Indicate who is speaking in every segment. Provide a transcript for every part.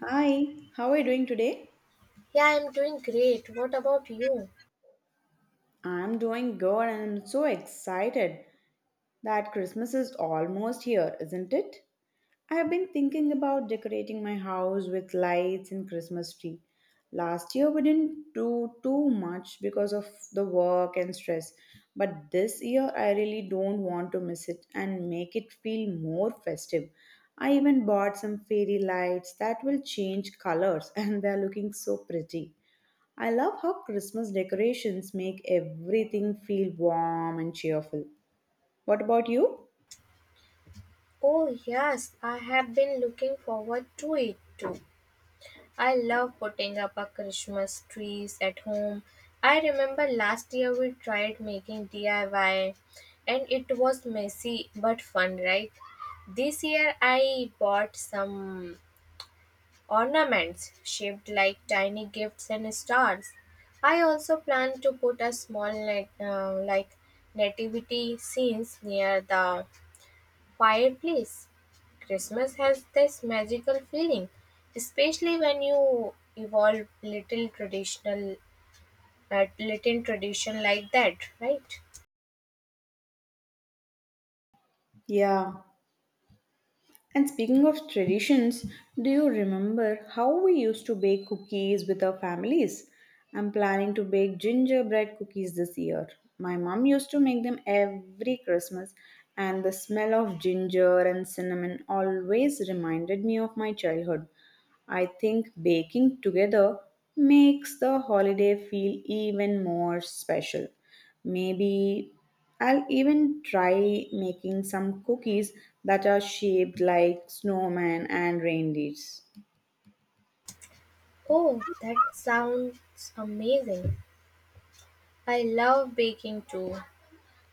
Speaker 1: Hi, how are you doing today?
Speaker 2: Yeah, I'm doing great. What about you?
Speaker 1: I'm doing good and I'm so excited that Christmas is almost here, isn't it? I've been thinking about decorating my house with lights and Christmas tree. Last year we didn't do too much because of the work and stress, but this year I really don't want to miss it and make it feel more festive. I even bought some fairy lights that will change colors and they're looking so pretty. I love how Christmas decorations make everything feel warm and cheerful. What about you?
Speaker 2: Oh, yes, I have been looking forward to it too. I love putting up a Christmas trees at home. I remember last year we tried making DIY and it was messy but fun, right? This year I bought some ornaments shaped like tiny gifts and stars. I also plan to put a small net, like nativity scenes near the Quiet, please. Christmas has this magical feeling, especially when you evolve little traditional, little tradition like that, right?
Speaker 1: Yeah. And speaking of traditions, do you remember how we used to bake cookies with our families? I'm planning to bake gingerbread cookies this year. My mom used to make them every Christmas, and the smell of ginger and cinnamon always reminded me of my childhood. I think baking together makes the holiday feel even more special. Maybe I'll even try making some cookies that are shaped like snowmen and reindeers.
Speaker 2: Oh, that sounds amazing. I love baking too.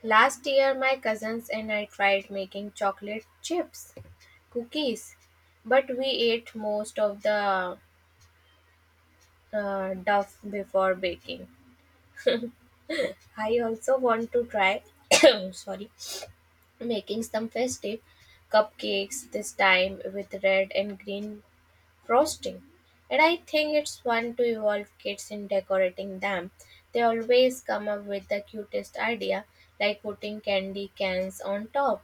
Speaker 2: Last year, my cousins and I tried making chocolate chips, cookies, but we ate most of the duff before baking. I also want to try, sorry, making some festive cupcakes this time with red and green frosting. And I think it's fun to involve kids in decorating them. They always come up with the cutest idea, like putting candy cans on top.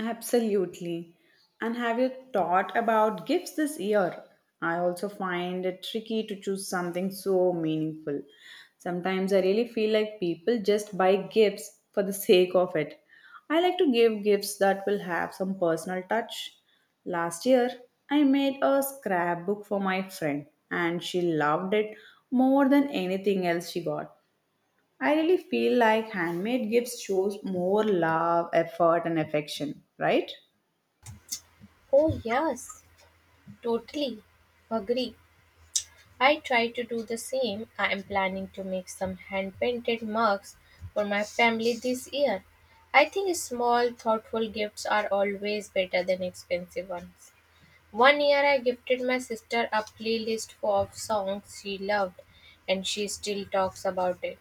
Speaker 1: Absolutely. And have you thought about gifts this year? I also find it tricky to choose something so meaningful. Sometimes I really feel like people just buy gifts for the sake of it. I like to give gifts that will have some personal touch. Last year, I made a scrapbook for my friend, and she loved it more than anything else she got. I really feel like handmade gifts shows more love, effort, and affection, right?
Speaker 2: Oh, yes, totally. Agree. I try to do the same. I am planning to make some hand painted mugs for my family this year. I think small, thoughtful gifts are always better than expensive ones. One year I gifted my sister a playlist full of songs she loved, and she still talks about it.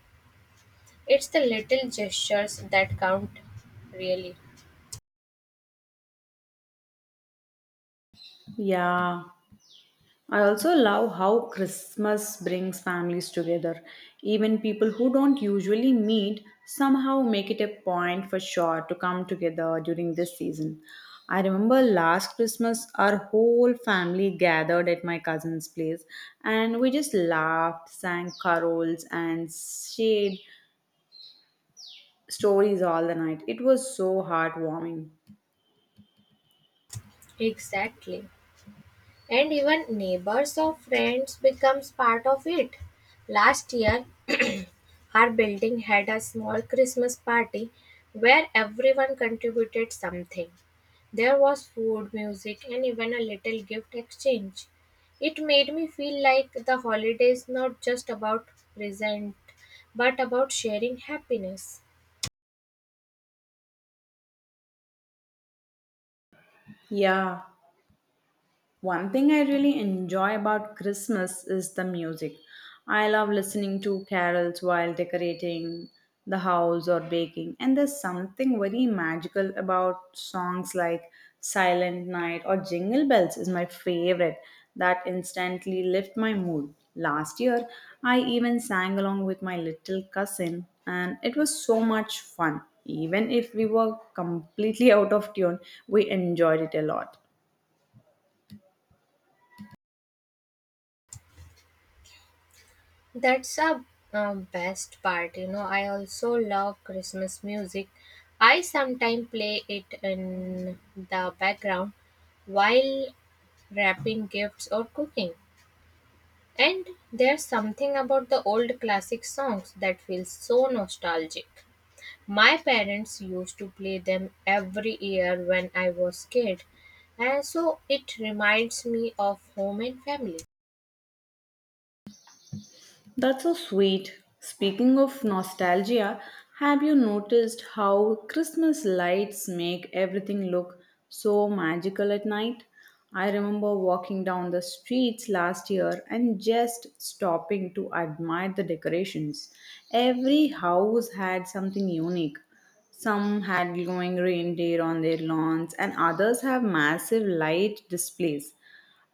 Speaker 2: It's the little gestures that count, really.
Speaker 1: Yeah, I also love how Christmas brings families together. Even people who don't usually meet somehow make it a point for sure to come together during this season. I remember last Christmas, our whole family gathered at my cousin's place and we just laughed, sang carols, and shared stories all the night. It was so heartwarming.
Speaker 2: Exactly. And even neighbors or friends becomes part of it. Last year our building had a small Christmas party where everyone contributed something. There was food, music, and even a little gift exchange. It made me feel like the holiday is not just about present, but about sharing happiness.
Speaker 1: Yeah, one thing I really enjoy about Christmas is the music. I love listening to carols while decorating the house or baking, and there's something very magical about songs like Silent Night or Jingle Bells is my favorite that instantly lift my mood. Last year, I even sang along with my little cousin, and it was so much fun. Even if we were completely out of tune, we enjoyed it a lot.
Speaker 2: That's a best part, you know. I also love Christmas music. I sometimes play it in the background while wrapping gifts or cooking. And there's something about the old classic songs that feels so nostalgic. My parents used to play them every year when I was kid, and so it reminds me of home and family.
Speaker 1: That's so sweet. Speaking of nostalgia, have you noticed how Christmas lights make everything look so magical at night? I remember walking down the streets last year and just stopping to admire the decorations. Every house had something unique. Some had glowing reindeer on their lawns, and others have massive light displays.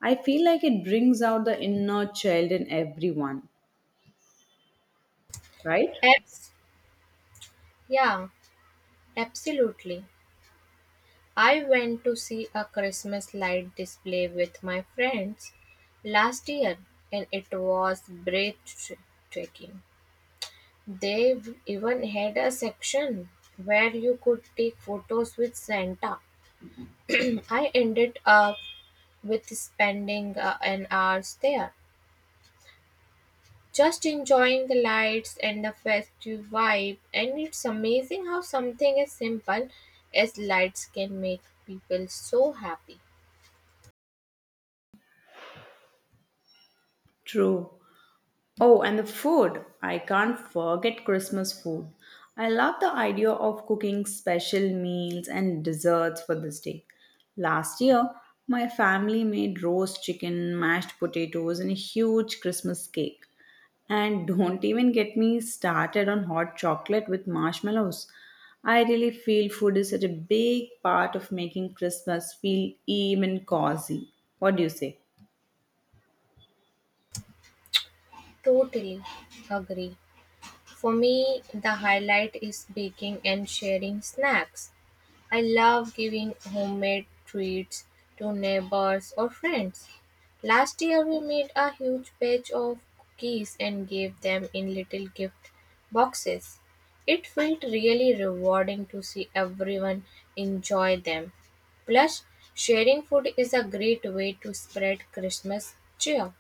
Speaker 1: I feel like it brings out the inner child in everyone, right?
Speaker 2: Abs- yeah, absolutely. I went to see a Christmas light display with my friends last year, and it was breathtaking. They even had a section where you could take photos with Santa. I ended up with spending an hour there, just enjoying the lights and the festive vibe. And it's amazing how something as simple as lights can make people so happy.
Speaker 1: True. Oh, and the food. I can't forget Christmas food. I love the idea of cooking special meals and desserts for this day. Last year, my family made roast chicken, mashed potatoes, and a huge Christmas cake. And don't even get me started on hot chocolate with marshmallows. I really feel food is such a big part of making Christmas feel even cozy. What do you say?
Speaker 2: Totally agree. For me, the highlight is baking and sharing snacks. I love giving homemade treats to neighbors or friends. Last year we made a huge batch of cookies and gave them in little gift boxes. It felt really rewarding to see everyone enjoy them. Plus, sharing food is a great way to spread Christmas cheer.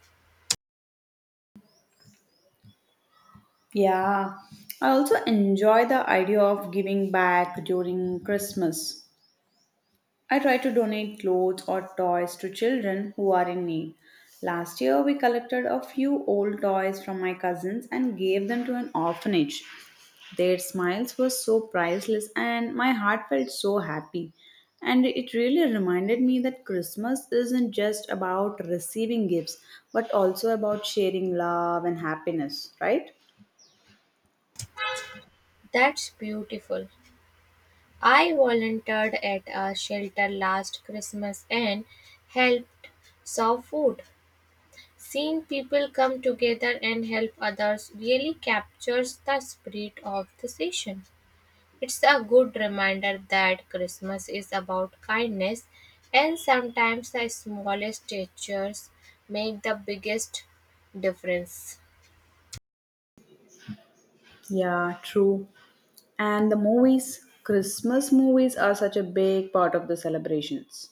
Speaker 1: Yeah, I also enjoy the idea of giving back during Christmas. I try to donate clothes or toys to children who are in need. Last year, we collected a few old toys from my cousins and gave them to an orphanage. Their smiles were so priceless, and my heart felt so happy. And it really reminded me that Christmas isn't just about receiving gifts, but also about sharing love and happiness, right?
Speaker 2: That's beautiful. I volunteered at a shelter last Christmas and helped serve food. Seeing people come together and help others really captures the spirit of the season. It's a good reminder that Christmas is about kindness, and sometimes the smallest gestures make the biggest difference.
Speaker 1: Yeah, true. And the movies, Christmas movies are such a big part of the celebrations.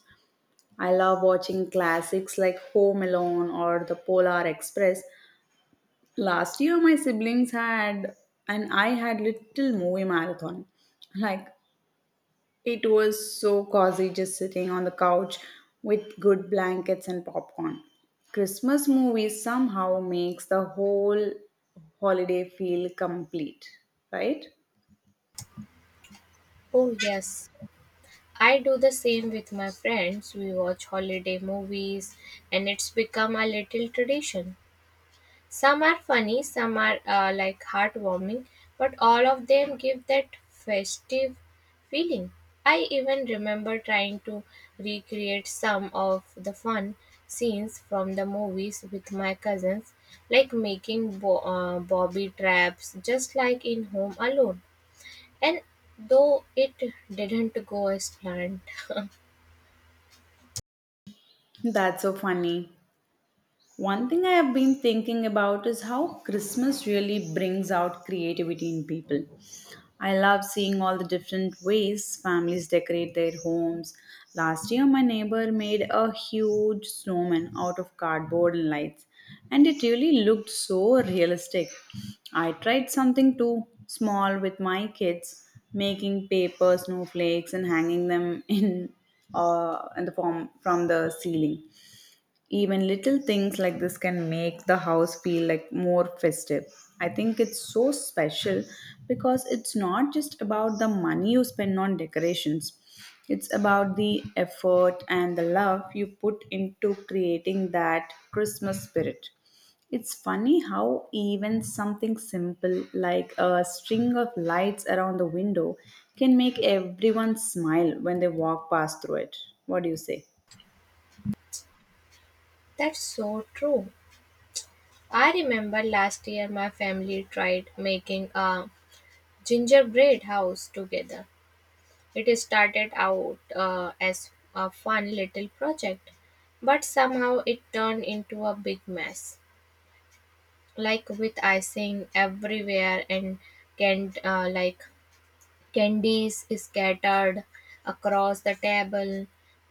Speaker 1: I love watching classics like Home Alone or The Polar Express. Last year, my siblings had, and I had little movie marathon. Like, it was so cozy just sitting on the couch with good blankets and popcorn. Christmas movies somehow makes the whole holiday feel complete, right?
Speaker 2: Oh, yes. I do the same with my friends. We watch holiday movies, and it's become a little tradition. Some are funny, some are like heartwarming, but all of them give that festive feeling. I even remember trying to recreate some of the fun scenes from the movies with my cousins, like making bobby traps just like in Home Alone. And though it didn't go as planned,
Speaker 1: That's so funny. One thing I have been thinking about is how Christmas really brings out creativity in people. I love seeing all the different ways families decorate their homes. Last year, my neighbor made a huge snowman out of cardboard and lights, and it really looked so realistic. I tried something too small with my kids, making paper snowflakes and hanging them in the form from the ceiling. Even little things like this can make the house feel like more festive. I think it's so special because it's not just about the money you spend on decorations. It's about the effort and the love you put into creating that Christmas spirit. It's funny how even something simple like a string of lights around the window can make everyone smile when they walk past through it. What do you say?
Speaker 2: that's so true. I remember last year my family tried making a Gingerbread House together. It started out as a fun little project, but somehow it turned into a big mess, like with icing everywhere and can like candies scattered across the table.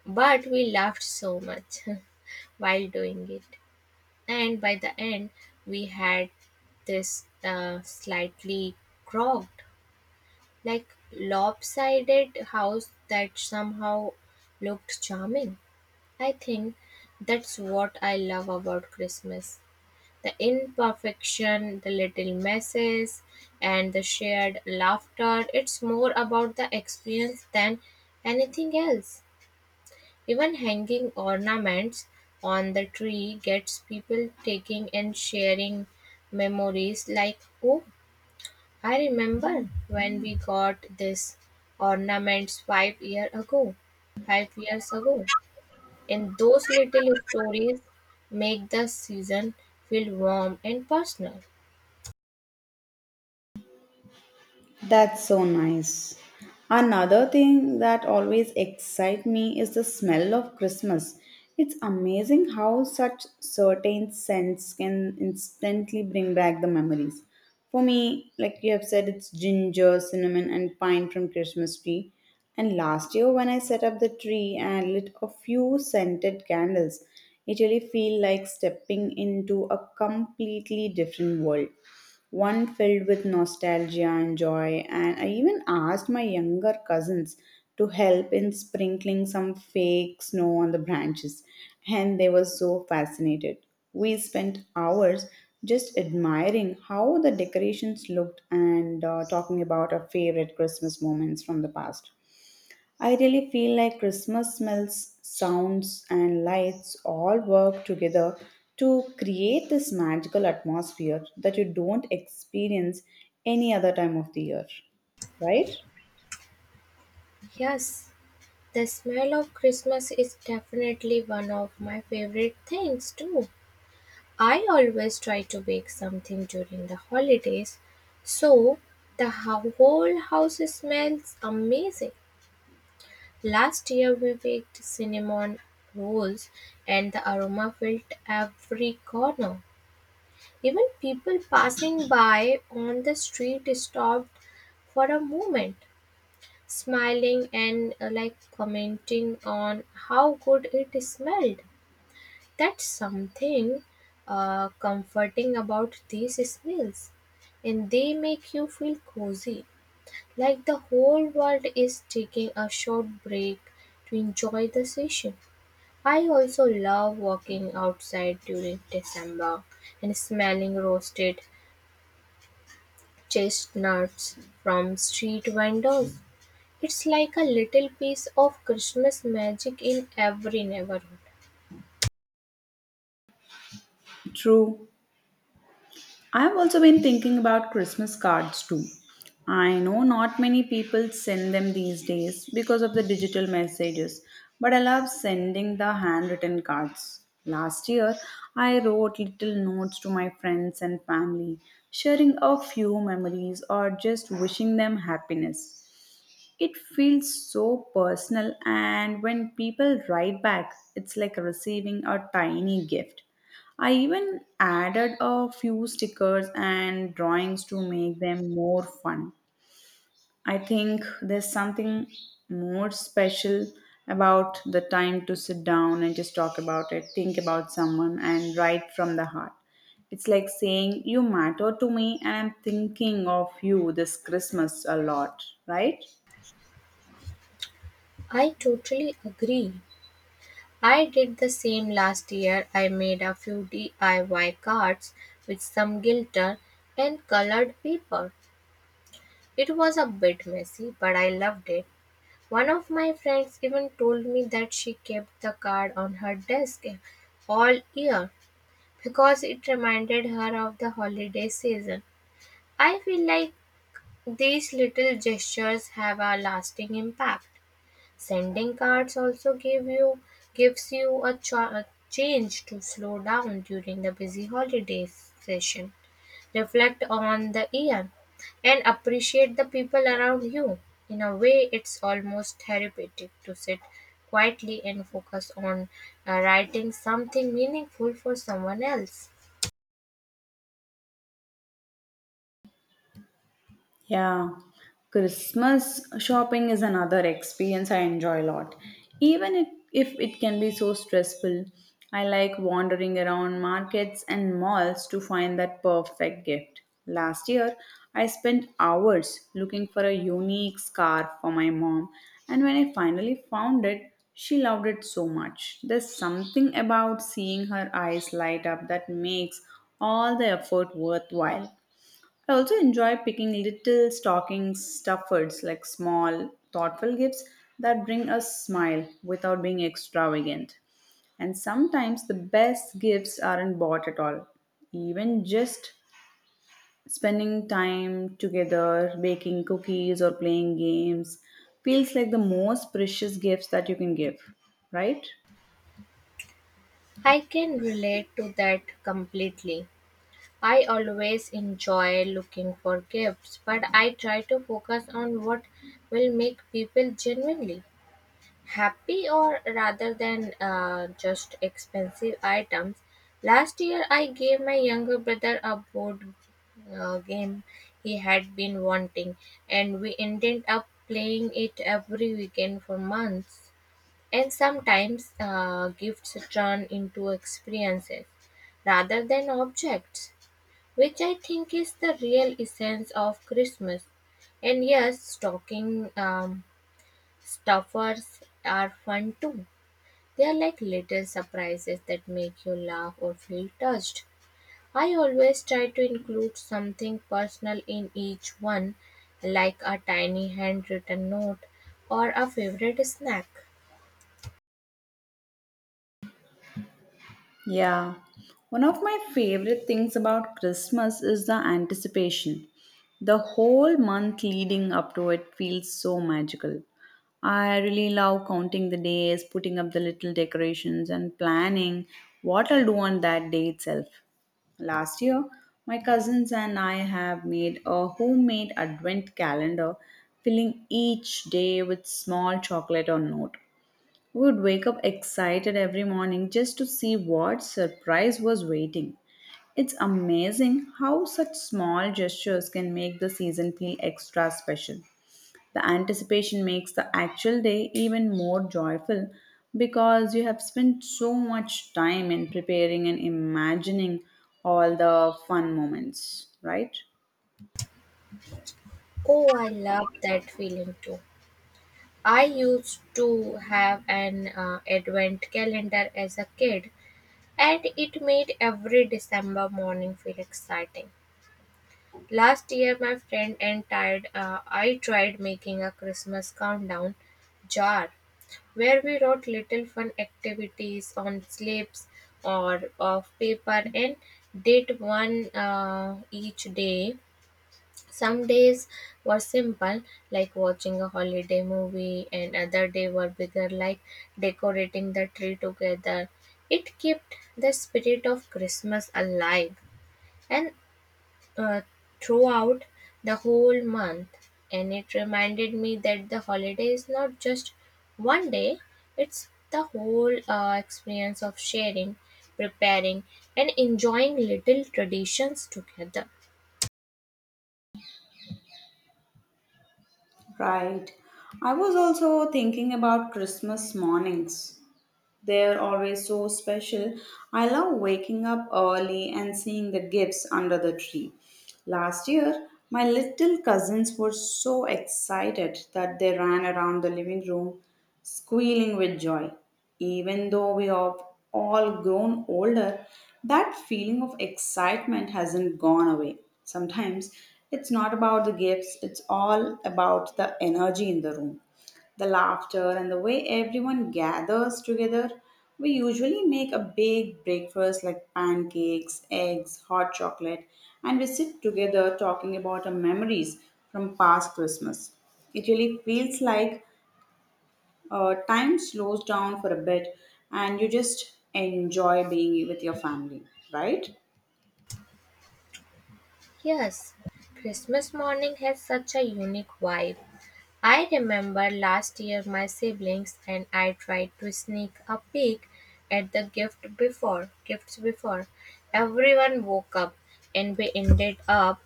Speaker 2: But we laughed so much while doing it, and by the end, we had this slightly crocked, like lopsided house that somehow looked charming. I think that's what I love about Christmas, the imperfection, the little messes, and the shared laughter. It's more about the experience than anything else. Even hanging ornaments on the tree gets people taking and sharing memories like, oh, I remember when we got this ornaments 5 years ago, and those little stories make the season feel warm and personal.
Speaker 1: That's so nice. Another thing that always excites me is the smell of Christmas. It's amazing how such certain scents can instantly bring back the memories. For me, like you have said, it's ginger, cinnamon, and pine from Christmas tree. And last year, when I set up the tree and lit a few scented candles, it really feel like stepping into a completely different world one filled with nostalgia and joy. And I even asked my younger cousins to help in sprinkling some fake snow on the branches, and they were so fascinated. We spent hours just admiring how the decorations looked and talking about our favorite Christmas moments from the past. I really feel like Christmas smells, sounds, and lights all work together to create this magical atmosphere that you don't experience any other time of the year, right?
Speaker 2: Yes, the smell of Christmas is definitely one of my favorite things too. I always try to bake something during the holidays, so whole house smells amazing. Last year we baked cinnamon rolls and the aroma filled every corner. Even people passing by on the street stopped for a moment, smiling and like commenting on how good it smelled. That's something comforting about these smells, and they make you feel cozy, like the whole world is taking a short break to enjoy the session. I also love walking outside during December and smelling roasted chestnuts from street vendors. It's like a little piece of Christmas magic in every neighborhood.
Speaker 1: True. I've also been thinking about Christmas cards too. I know not many people send them these days because of the digital messages, but I love sending the handwritten cards. Last year, I wrote little notes to my friends and family, sharing a few memories or just wishing them happiness. It feels so personal, and when people write back, it's like receiving a tiny gift. I even added a few stickers and drawings to make them more fun. I think there's something more special about the time to sit down and just talk about it, think about someone, and write from the heart. It's like saying, you matter to me, and I'm thinking of you this Christmas a lot, right?
Speaker 2: I totally agree. I did the same last year. I made a few DIY cards with some glitter and colored paper. It was a bit messy, but I loved it. One of my friends even told me that she kept the card on her desk all year because it reminded her of the holiday season. I feel like these little gestures have a lasting impact. Sending cards also gives you a change to slow down during the busy holiday session, reflect on the year, and appreciate the people around you. In a way, it's almost therapeutic to sit quietly and focus on writing something meaningful for someone else.
Speaker 1: Yeah, Christmas shopping is another experience I enjoy a lot. Even it, if it can be so stressful, I like wandering around markets and malls to find that perfect gift. Last year, I spent hours looking for a unique scarf for my mom, and when I finally found it, she loved it so much. There's something about seeing her eyes light up that makes all the effort worthwhile. I also enjoy picking little stocking stuffers like small, thoughtful gifts that bring a smile without being extravagant. And sometimes the best gifts aren't bought at all. Even just spending time together, baking cookies or playing games feels like the most precious gifts that you can give, right?
Speaker 2: I can relate to that completely. I always enjoy looking for gifts, but I try to focus on what will make people genuinely happy or rather than just expensive items. Last year, I gave my younger brother a board game he had been wanting, and we ended up playing it every weekend for months. And sometimes gifts turn into experiences rather than objects, which I think is the real essence of Christmas. And yes, stocking stuffers are fun too. They are like little surprises that make you laugh or feel touched. I always try to include something personal in each one, like a tiny handwritten note or a favorite snack.
Speaker 1: Yeah. One of my favorite things about Christmas is the anticipation. The whole month leading up to it feels so magical. I really love counting the days, putting up the little decorations, and planning what I'll do on that day itself. Last year, my cousins and I have made a homemade advent calendar, filling each day with small chocolate or note. We would wake up excited every morning just to see what surprise was waiting. It's amazing how such small gestures can make the season feel extra special. The anticipation makes the actual day even more joyful because you have spent so much time in preparing and imagining all the fun moments, right?
Speaker 2: Oh, I love that feeling too. I used to have an advent calendar as a kid, and it made every December morning feel exciting. Last year, my friend and tired, I tried making a Christmas countdown jar where we wrote little fun activities on slips or of paper and did one each day. Some days were simple, like watching a holiday movie, and other day were bigger, like decorating the tree together. It kept the spirit of Christmas alive, and uh, throughout the whole month. And it reminded me that the holiday is not just one day; it's the whole experience of sharing, preparing, and enjoying little traditions together.
Speaker 1: Right. I was also thinking about Christmas mornings. They're always so special. I love waking up early and seeing the gifts under the tree. Last year, my little cousins were so excited that they ran around the living room squealing with joy. Even though we have all grown older, that feeling of excitement hasn't gone away. Sometimes it's not about the gifts, it's all about the energy in the room. The laughter and the way everyone gathers together. We usually make a big breakfast like pancakes, eggs, hot chocolate, and we sit together talking about our memories from past Christmas. It really feels like time slows down for a bit and you just enjoy being with your family, right?
Speaker 2: Yes, Christmas morning has such a unique vibe. I remember last year my siblings and I tried to sneak a peek at the gift before gifts before everyone woke up, and we ended up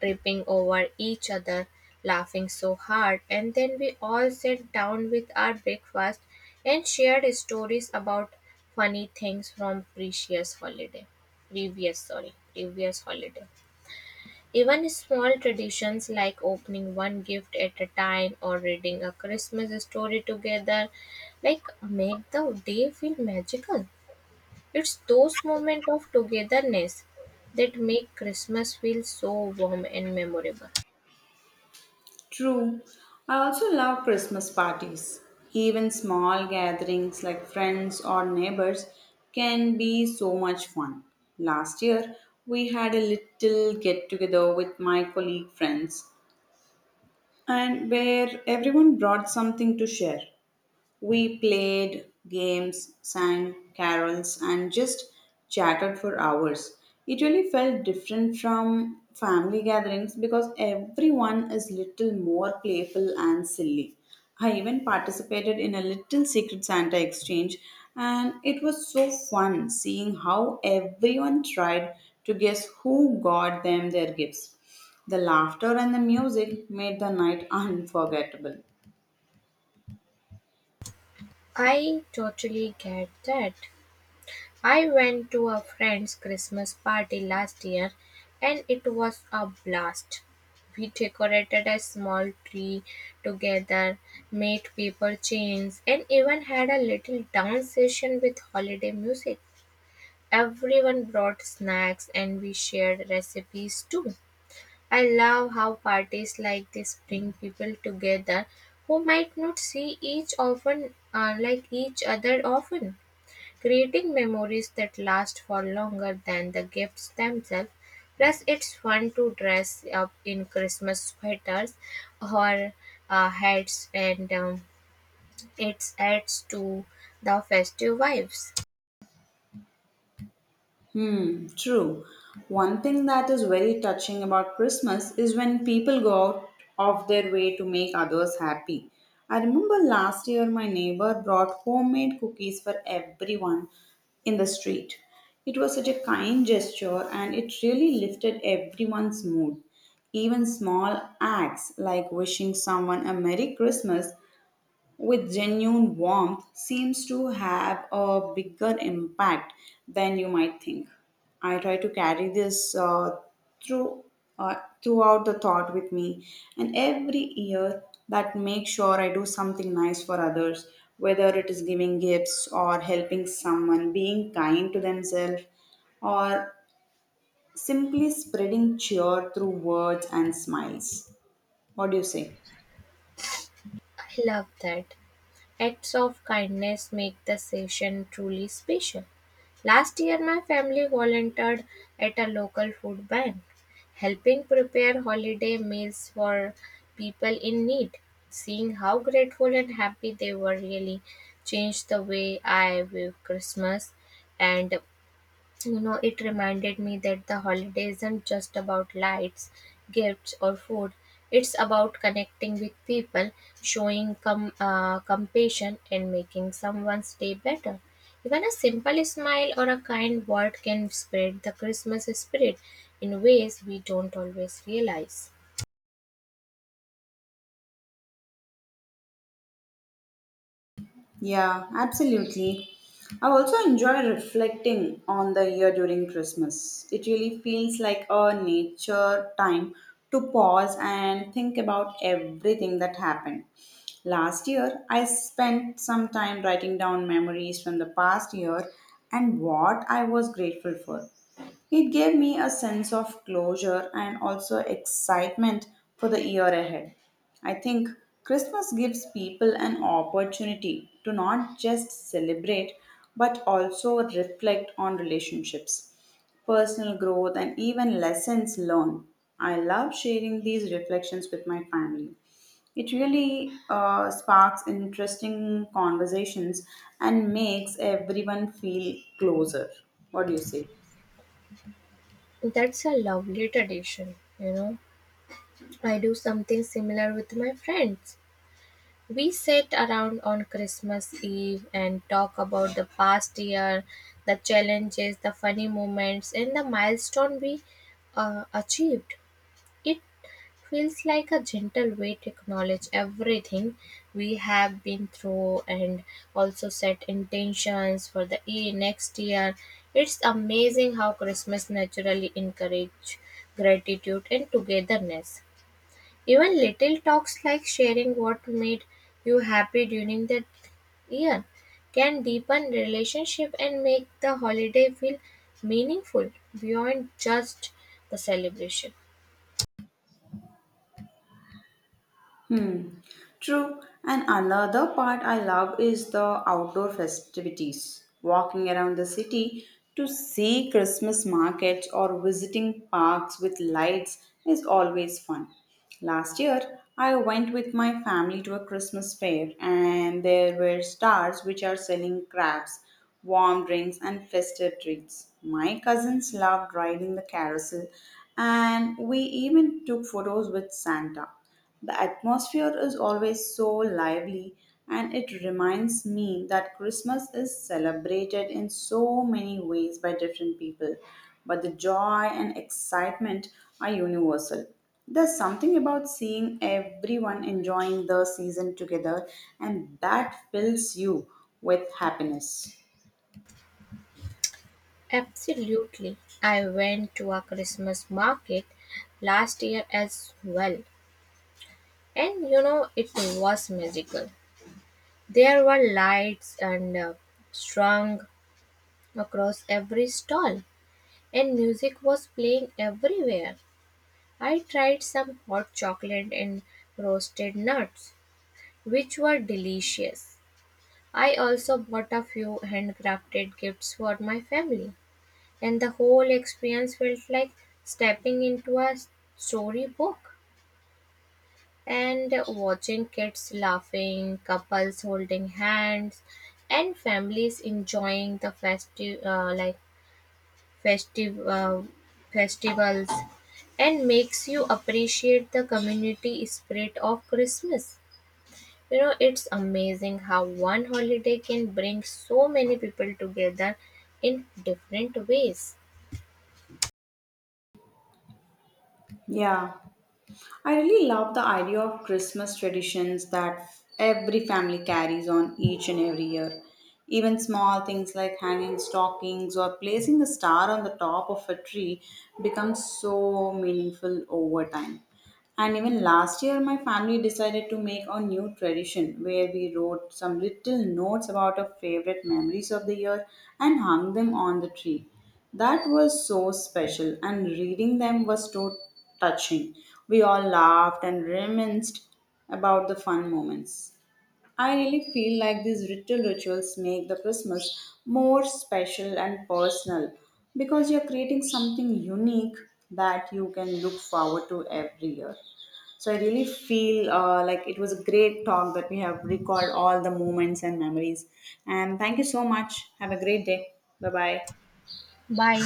Speaker 2: tripping over each other, laughing so hard. And then we all sat down with our breakfast and shared stories about funny things from previous holiday. Even small traditions like opening one gift at a time or reading a Christmas story together like make the day feel magical. It's those moments of togetherness that make Christmas feel so warm and memorable.
Speaker 1: True. I also love Christmas parties. Even small gatherings like friends or neighbors can be so much fun. Last year, we had a little get together with my colleague friends, and where everyone brought something to share. We played games, sang carols, and just chatted for hours. It really felt different from family gatherings because everyone is little more playful and silly. I even participated in a little secret Santa exchange, and it was so fun seeing how everyone tried to guess who got them their gifts. The laughter and the music made the night unforgettable.
Speaker 2: I totally get that. I went to a friend's Christmas party last year and it was a blast. We decorated a small tree together, made paper chains, and even had a little dance session with holiday music. Everyone brought snacks and we shared recipes too. I love how parties like this bring people together who might not see each often like each other often, creating memories that last for longer than the gifts themselves. Plus, it's fun to dress up in Christmas sweaters or hats, and it adds to the festive vibes.
Speaker 1: Hmm, true. One thing that is very touching about Christmas is when people go out of their way to make others happy. I remember last year my neighbor brought homemade cookies for everyone in the street. It was such a kind gesture and it really lifted everyone's mood. Even small acts like wishing someone a Merry Christmas with genuine warmth seems to have a bigger impact than you might think. I try to carry this through uh, throughout the thought with me, and every year that makes sure I do something nice for others, whether it is giving gifts or helping someone, being kind to themselves, or simply spreading cheer through words and smiles. What do you say?
Speaker 2: I love that. Acts of kindness make the session truly special. Last year, my family volunteered at a local food bank, helping prepare holiday meals for people in need. Seeing how grateful and happy they were really changed the way I view Christmas. And so, you know, it reminded me that the holiday isn't just about lights, gifts, or food. It's about connecting with people, showing compassion, and making someone's day better. Even a simple smile or a kind word can spread the Christmas spirit in ways we don't always realize.
Speaker 1: Yeah, absolutely. I also enjoy reflecting on the year during Christmas. It really feels like a nature time to pause and think about everything that happened. Last year, I spent some time writing down memories from the past year and what I was grateful for. It gave me a sense of closure and also excitement for the year ahead. I think Christmas gives people an opportunity to not just celebrate but also reflect on relationships, personal growth, and even lessons learned. I love sharing these reflections with my family. It really sparks interesting conversations and makes everyone feel closer. What do you say?
Speaker 2: That's a lovely tradition, you know. I do something similar with my friends. We sit around on Christmas Eve and talk about the past year, the challenges, the funny moments, and the milestone we achieved. It feels like a gentle way to acknowledge everything we have been through and also set intentions for the year next year. It's amazing how Christmas naturally encourages gratitude and togetherness. Even little talks like sharing what made you happy during the year can deepen relationship and make the holiday feel meaningful beyond just the celebration.
Speaker 1: Hmm. True, and another part I love is the outdoor festivities. Walking around the city to see Christmas markets or visiting parks with lights is always fun. Last year, I went with my family to a Christmas fair, and there were stars which are selling crabs, warm drinks, and festive treats. My cousins loved riding the carousel, and we even took photos with Santa. The atmosphere is always so lively, and it reminds me that Christmas is celebrated in so many ways by different people, but the joy and excitement are universal. There's something about seeing everyone enjoying the season together, and that fills you with happiness.
Speaker 2: Absolutely. I went to a Christmas market last year as well. And you know, it was magical. There were lights and strung across every stall, and music was playing everywhere. I tried some hot chocolate and roasted nuts, which were delicious. I also bought a few handcrafted gifts for my family, and the whole experience felt like stepping into a storybook, and watching kids laughing, couples holding hands, and families enjoying the festival, festivals and makes you appreciate the community spirit of Christmas. You know, it's amazing how one holiday can bring so many people together in different ways.
Speaker 1: Yeah. I really love the idea of Christmas traditions that every family carries on each and every year. Even small things like hanging stockings or placing a star on the top of a tree become so meaningful over time. And even last year, my family decided to make a new tradition where we wrote some little notes about our favorite memories of the year and hung them on the tree. That was so special, and reading them was so touching. We all laughed and reminisced about the fun moments. I really feel like these little rituals make the Christmas more special and personal because you're creating something unique that you can look forward to every year. So I really feel like it was a great talk that we have recalled all the moments and memories. And thank you so much. Have a great day. Bye bye.
Speaker 2: Bye.